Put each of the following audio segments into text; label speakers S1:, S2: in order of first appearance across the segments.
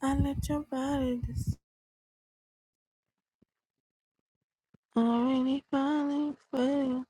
S1: I let your body just already falling for you.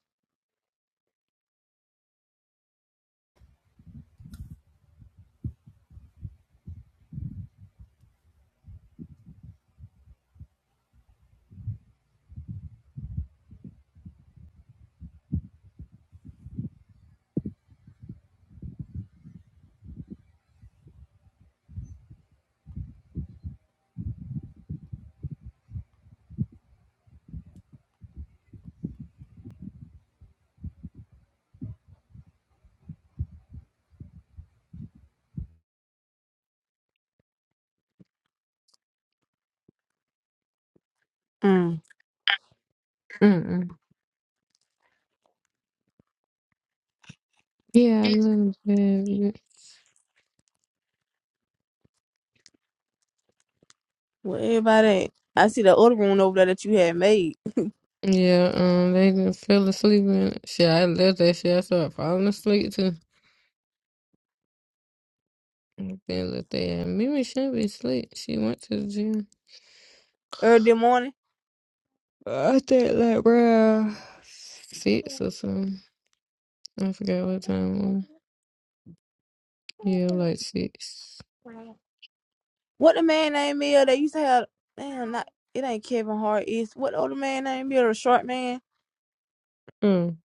S1: Mm.
S2: Mm-mm. Yeah, I live in
S1: Well, everybody, at? I see the other one over there that you had made
S2: Yeah, um, they just fell asleep and shit. I left that shit. I started falling asleep too. And Then looked at Mimi shouldn't be asleep. She went to the gym
S1: early morning.
S2: I think like, bruh. six or something. I forgot what time it was. Yeah, like six.
S1: What the man named me? They used to have damn, not it ain't Kevin Hart. Is what the other man named me? Or the short man?
S2: Mm.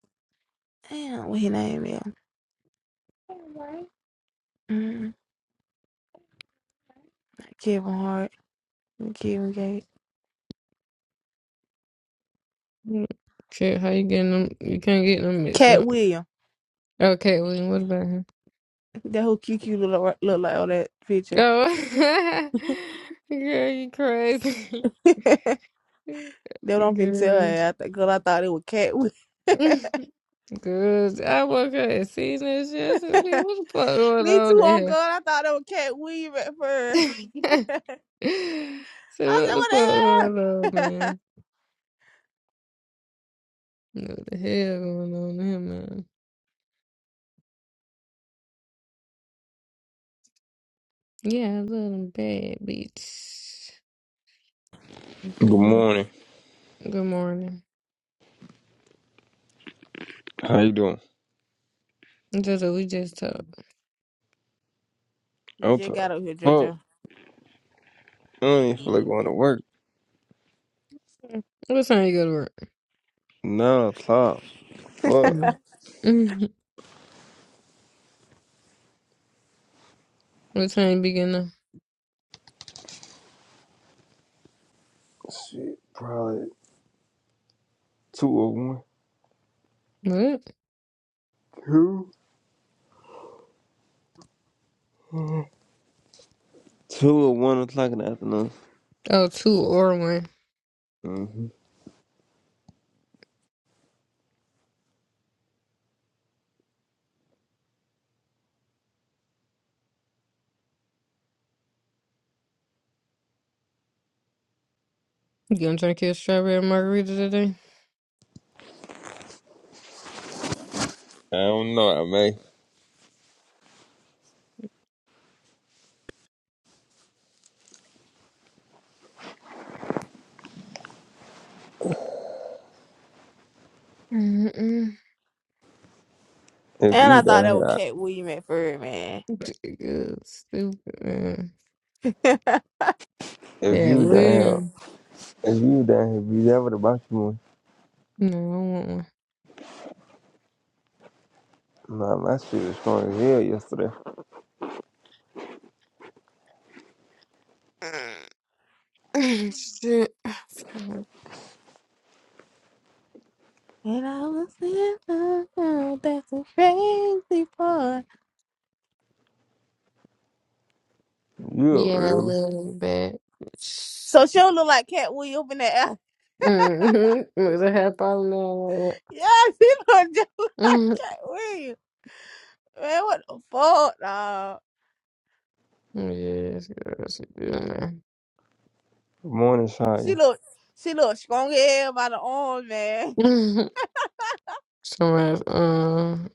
S1: Damn, what his name is? Mm, Kevin Hart, Kevin Gates,
S2: Okay, how you getting them? You can't get them mixed
S1: Cat
S2: up.
S1: William.
S2: Okay, William, what about her?
S1: That whole QQ look, like- look like on that picture.
S2: Oh, girl, you crazy.
S1: They don't been tell
S2: Girl.
S1: her. I th- girl, I thought it was Cat William.
S2: Good. I woke up and seen this shit. I said, man, what the fuck going
S1: Me
S2: on
S1: too,
S2: in
S1: on God. I thought it was Cat Weave at
S2: here?
S1: first.
S2: So what the fuck
S1: I
S2: going on,
S1: said, what the hell?
S2: man? What the hell going on in here, man? Yeah, I love them bad bitch.
S3: Good
S2: Good
S3: morning.
S2: morning.
S3: How you doing?
S2: Just we just talked.
S1: You
S3: I'm
S1: just
S3: tired.
S1: got up here,
S3: Fuck.
S1: JoJo.
S3: I don't even feel like going to work.
S2: What time you go to work?
S3: Nah, I'm tired. Fuck.
S2: Mhm. Mhm. What time you begin to?
S3: Shit. Probably two or one.
S2: What?
S3: Two. Uh, Two or one o'clock in the afternoon.
S2: Oh, two or one.
S3: hmm
S2: You gonna try to get strawberry margarita today?
S3: I don't know. I may.
S2: Mm-mm.
S3: If
S1: And
S3: you
S1: I thought
S3: down
S1: that was
S3: here,
S1: Cat
S3: I-
S1: Weave at first, man.
S2: Good, stupid man.
S1: and I
S3: if
S2: Yeah,
S3: you down here,
S2: Lynn.
S3: if you down here, be there with the box you want.
S2: No, I want one.
S3: Nah, my shit was strong as hell yesterday.
S2: Uh, Shit.
S1: was in love. oh, That's a crazy part.
S3: You up
S2: Yeah,
S3: early?
S2: little Bad.
S1: So she don't look like Cat Weave up in that alley.
S2: Mm-hmm. Was a hair problem.
S1: Yeah, she look just
S2: now.
S1: like
S2: Mhm.
S1: Cat Weave. Man, what the fuck, dog?
S2: Yes, yes, it do, man.
S3: morning, shot
S1: She
S3: you.
S1: look, she look strong as hell by the arm, man.
S2: Mhm. Somebody's um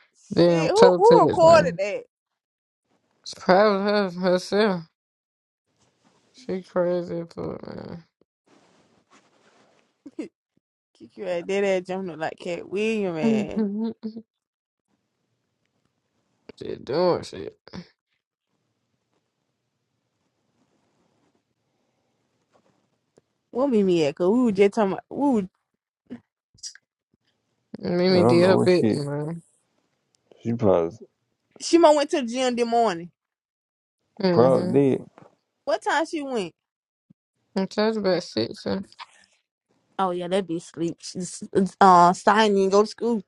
S2: damn
S1: Shit, who,
S2: toe
S1: who
S2: touch,
S1: recorded
S2: man.
S1: that?
S2: It's probably her herself. She crazy as fuck, man.
S1: Kick your ass dead ass jumping like Cat William, man.
S2: Mhm. She doing shit.
S1: What meet me at? Cause we were just talking about, we were,
S3: I
S2: Mimi
S3: don't
S2: did
S3: know
S2: her
S3: what
S2: bit,
S3: shit.
S2: man.
S3: She probably
S1: she might went to the gym the morning.
S2: Mm-hmm.
S3: probably did.
S1: What time she went?
S2: I was about six. uh,
S1: Oh yeah, that be sleep. She's uh sign didn't go to school.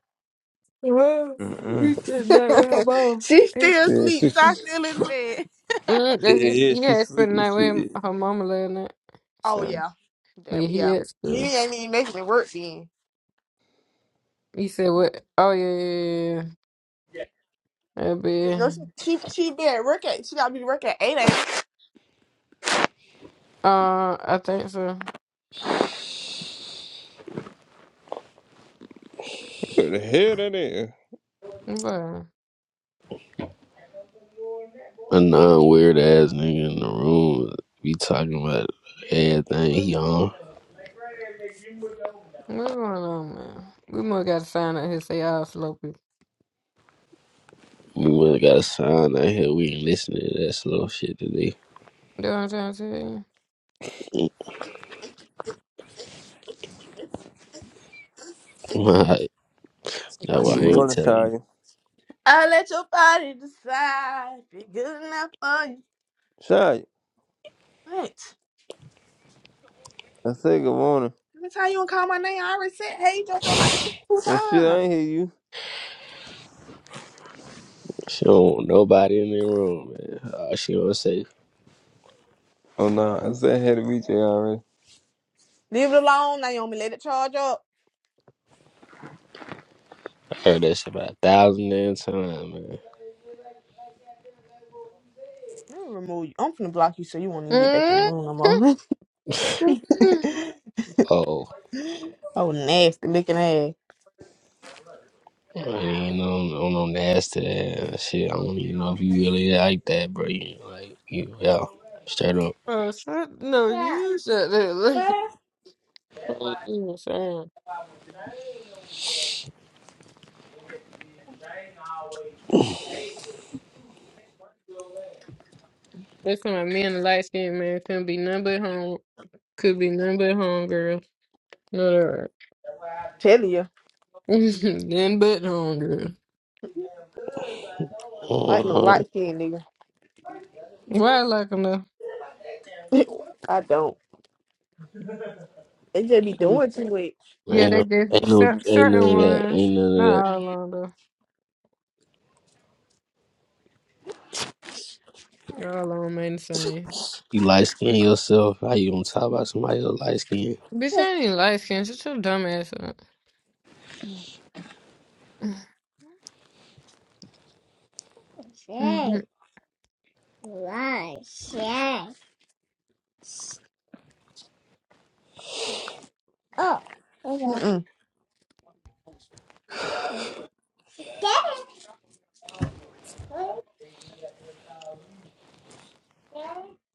S2: Well,
S3: Mm-mm.
S2: you spent the night with her mom.
S1: she still
S3: Yeah,
S1: sleep, so I
S3: she.
S1: still in bed.
S2: Mm, that
S3: Yeah,
S2: he,
S3: yeah,
S2: he
S3: she
S2: had spent
S3: sleep.
S2: the night with him-
S3: Shit.
S2: her mama last night.
S1: Oh
S2: So,
S1: yeah. That,
S2: yeah, he
S1: yeah.
S2: at school.
S1: He ain't even making me work then.
S2: He said, what? Oh, yeah, yeah, yeah. yeah. That'd be,
S1: 'Cause, No, she she she be at work at she gotta be working at eight, ain't
S2: uh, I think so.
S3: What the hell that is?
S2: But,
S4: A non weird ass nigga in the room be talking about everything he on.
S2: what's going on, man? We must got to sign up here say all slow people.
S4: We must got a sign out here. We ain't listening to that slow shit today.
S2: You know what I'm trying to tell you?
S4: Alright. No,
S3: Good
S4: I
S1: her?
S4: ain't
S3: morning,
S4: telling you.
S3: Shia.
S1: I let your body decide if you're good enough for you.
S3: Shia,
S1: What?
S3: I said good morning.
S1: That's how you don't call my name. I already said, hey, JoJo, like two, two
S3: But shit, I
S1: times.
S3: ain't hear you.
S4: She don't want nobody in the room, man. Oh, she don't say.
S3: Oh no, I said I had to reach you already.
S1: Leave it alone, Naomi. Let it charge up.
S4: I heard that shit about a thousand damn times, man.
S1: Let me remove you. I'm finna block you so you won't even get back in the
S2: Mm.
S1: room no more.
S4: Oh,
S1: oh, nasty looking ass.
S4: I ain't no, no, no nasty ass shit. I don't even know if you really like that, bro. You know, like, you, yeah, straight up.
S2: oh, shut, no, you shut that. What you saying? That's why me and the light skinned man couldn't be none but home could be none but home girl. No they're
S1: Tell you,
S2: right. none but home girl.
S1: I don't like no light skin, nigga.
S2: Why I like them though?
S1: I don't. They just be doing too much.
S4: Mm,
S2: Yeah,
S4: Ain't
S2: they
S4: no,
S2: did
S4: ain't no,
S2: cer-
S4: ain't none
S2: certain
S4: of that.
S2: ones.
S4: Ain't none of
S2: Not
S4: that.
S2: all of them though. They're all on me the same.
S4: You light skin yourself. How you gonna talk about somebody else light skin?
S2: Bitch, I ain't light skinned, shut your dumb ass up.
S1: Say, lie, say. Oh. Mm-mm.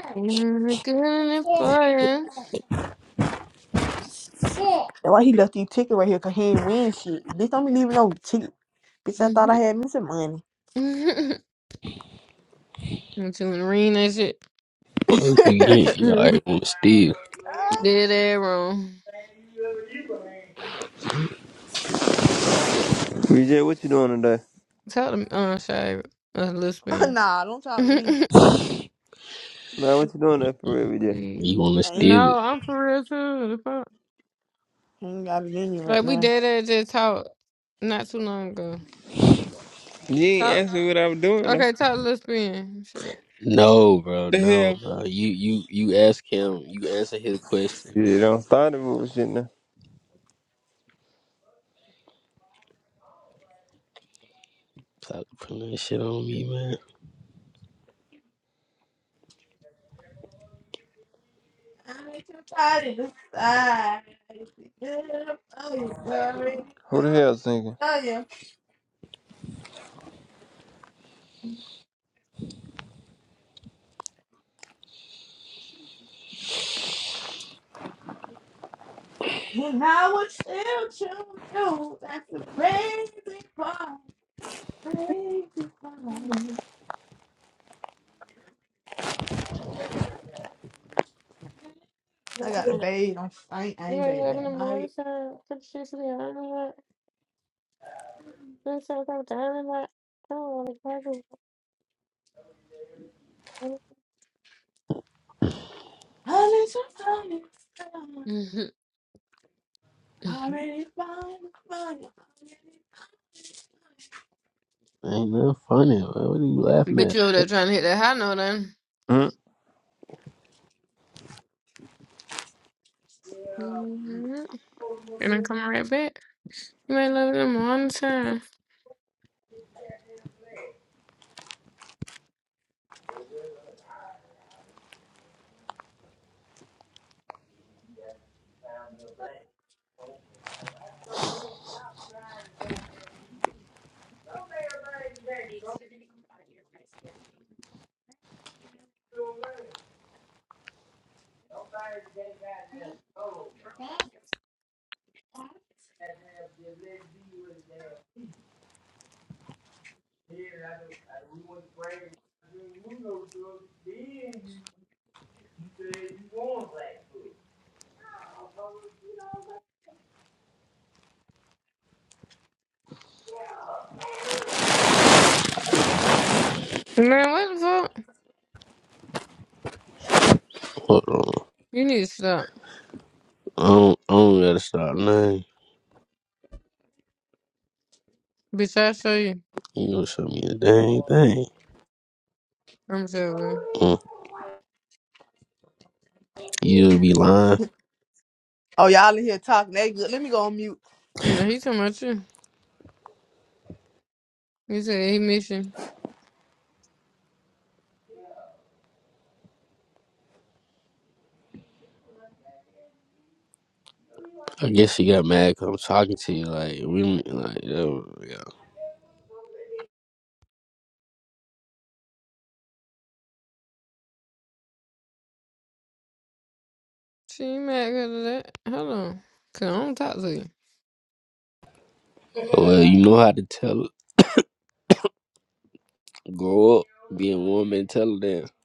S2: Good enough for you.
S1: That's why he left these tickets right here, cause he ain't win shit. Bitch, don't be leaving no ticket. Bitch, I thought
S2: I'm
S1: I had me some money.
S2: telling Reen that shit.
S4: What you get? You already wanna steal.
S2: Did that wrong.
S3: VJ, what you doing today?
S2: Tell them uh shy a little spin.
S1: nah, don't talk to me.
S3: Nah, what you doing today for real, VJ?
S2: Like,
S4: You wanna
S1: I ain't,
S4: steal it?
S2: No, I'm for real too. The fuck?
S1: I ain't got it in you right
S2: Like we
S1: now.
S2: did it just talk not too long ago.
S3: You
S2: Talk
S3: ain't asking what I was doing though.
S2: okay, talk little spin. Shit.
S4: No, bro.
S3: The
S4: No,
S3: hell?
S4: bro. You you you ask him. You answer his question, man.
S3: Yeah, don't start the bullshit now.
S4: Stop putting that shit on me, man.
S1: I'm too tired to decide. Oh, you already-
S3: Who the
S1: oh,
S3: hell singing?
S1: yeah. And I would still choose you. That's the crazy part. Crazy part. I
S2: You
S1: got a bathe. I'm- I ain't, I ain't
S2: may
S1: bathed
S2: live in the
S1: that
S2: morning
S1: night.
S2: time, put the shit to the iron lot, then sometimes I'm down like I don't want to
S1: I need some time. Already fine, fine,
S4: Ain't nothing funny, man. What are you laughing
S2: Bitch
S4: at?
S2: you over there trying to hit that high note then. Mm-hmm. And I'm coming right back. You may live in the morning time. Man, what the fuck?
S4: Hold on.
S2: You need to stop.
S4: I don't, I don't gotta stop nothing.
S2: Bitch, I'll show you.
S4: You gonna show me a dang thing.
S2: I'm sorry.
S4: Mm. You'll be lying.
S1: Oh, y'all in here talking. They good. Let me go on mute.
S2: No, he talking about you. You said he miss you.
S4: I guess she got mad 'cause I'm talking to you. Like, we don't- like, oh, yeah.
S2: She ain't mad 'cause of that. Hold on. Cause I don't talk to
S4: well, you know how to tell Grow up, be a woman, Tell them,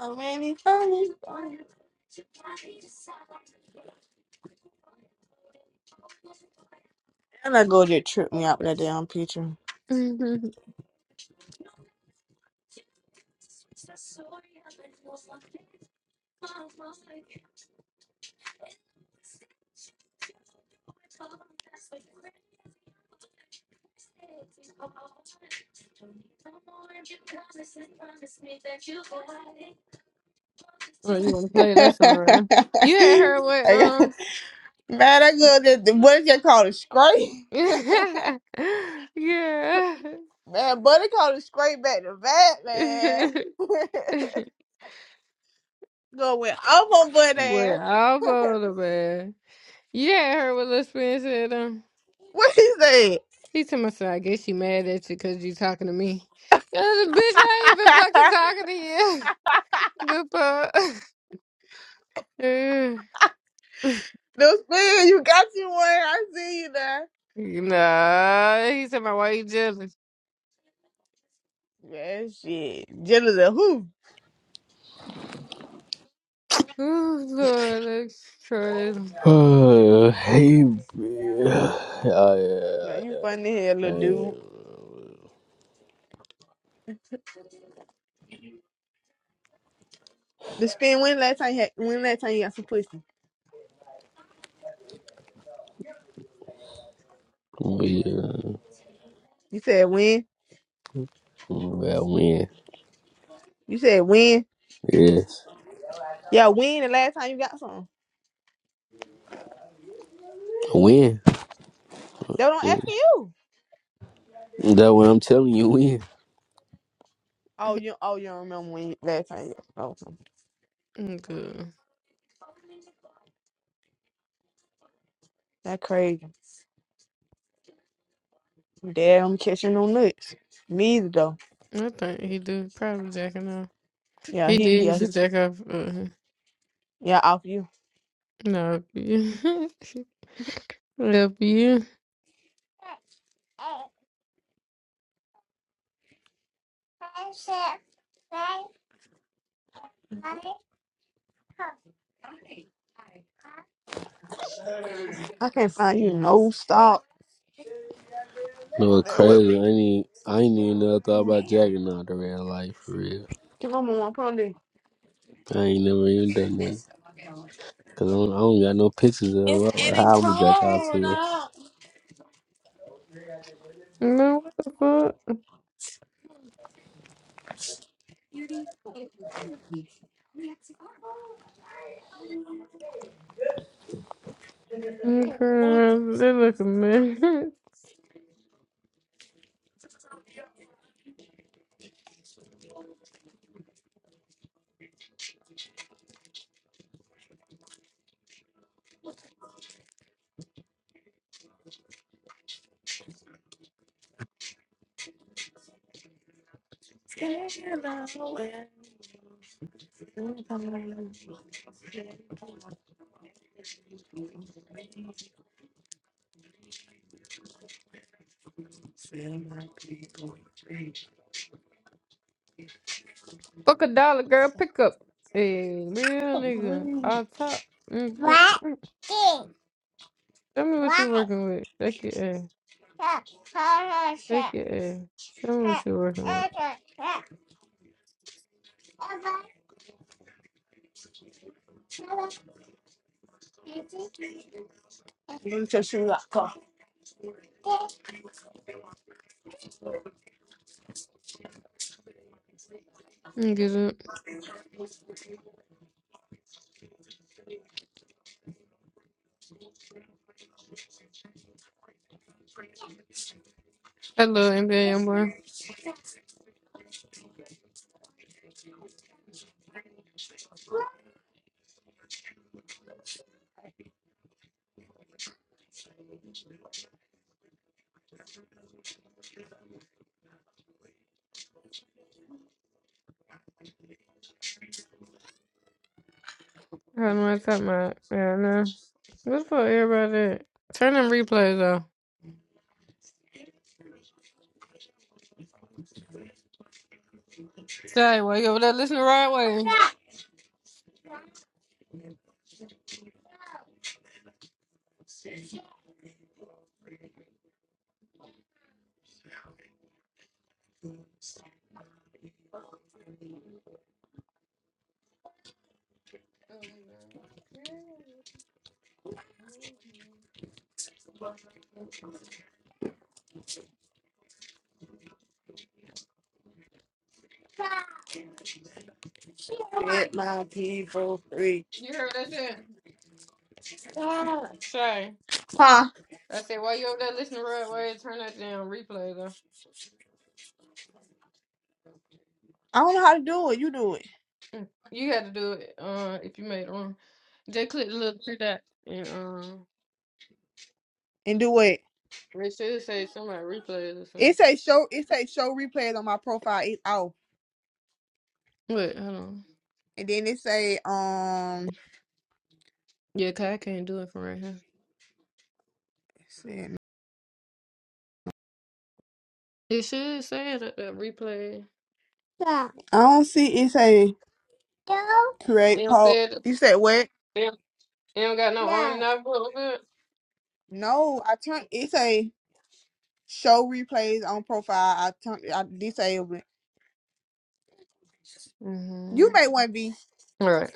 S1: Already fine, fine. And I go there, trip me out with that damn picture.
S2: you. oh, you wanna play that song right now? You had heard what
S1: I got-
S2: um
S1: man, I go there. the- What did they call it? Scrape?
S2: Yeah.
S1: Man, buddy called it scrape back to back, man. go with I'm on butt
S2: Boy,
S1: ass.
S2: all the man. You had heard what Lil Spin said um
S1: What he said?
S2: he told me so I guess she mad at you cause you talking to me. Yeah, the bitch I ain't even fucking talking to you. The fuck?
S1: no spin, you got you one. I see you there.
S2: Nah, he said my why you jealous?
S1: Yeah, shit. Jealous of who?
S2: Oh god, that's crazy.
S4: hey, yeah, yeah,
S1: Man, you funny here, little
S4: yeah.
S1: dude. The spin when last time you had when last time you got some pussy?
S4: Win,
S1: You said when?
S4: I win.
S1: You said when?
S4: Yes,
S1: Yeah, when the last time you got some?
S4: win.
S1: They don't asking you.
S4: That what I'm telling you, win.
S1: Oh, you oh you don't remember when you- last time you got some. Oh,
S2: Mm, Good.
S1: That crazy. Dad I'm catching no nuts. Me either though.
S2: I think he do probably jacking off.
S1: Yeah,
S2: He did
S1: he yeah,
S2: used
S1: he
S2: to jack off. Uh,
S1: yeah, off you.
S2: no, help you.
S1: I can't find you no stop.
S4: No, it's
S1: That what-
S4: crazy. I ain't, even- I ain't even never thought about jacking out the real life for real.
S1: Come on, mama put on there.
S4: I ain't never even done that. Cause I don't, I don't got no pictures of
S1: It's
S4: what-
S1: getting
S4: how I'm gonna jack out
S1: cold
S4: to. her.
S1: out.
S2: No, what the fuck? Mm, Girl, they look a man. Fuck a dollar, girl. Pick up. Hey, real nigga. All top. Mm, mm,
S1: What?
S2: mm. Tell me what you working with. Take your ass. Take your ass. Show me what you working with.
S1: Move to shoe lock, go.
S2: Mm, Get up. Hello, NBA young boy. That's what I'm talking about. Yeah, I know. What's for everybody? at? Turn them replays off. Say, why you over there listening the right way?
S1: 的个 Get my people free.
S2: You heard that shit?
S1: 个
S2: Shay.
S1: Huh?
S2: I said, why you over there listening the right way? Turn that damn replay though.
S1: I don't know how to do it. You do it
S2: You had to do it uh, if you made it wrong. Just click the little three dots and um,
S1: and do it.
S2: it should say somebody replays or something.
S1: It say show. It say show replays on my profile. It's off,
S2: Wait, hold on.
S1: and then it say um.
S2: Yeah, 'cause I can't do it from right here.
S1: let's see.
S2: It should say that, that replay.
S1: I 个 don't see. It say do
S2: It
S1: create
S2: don't
S1: poll.
S2: say
S1: You said what?
S2: it. You don't got no on and off button?
S1: No, I turned it say show replays on profile. I turned I disabled it. You
S2: Mm-hmm.
S1: may want to be.
S2: Right.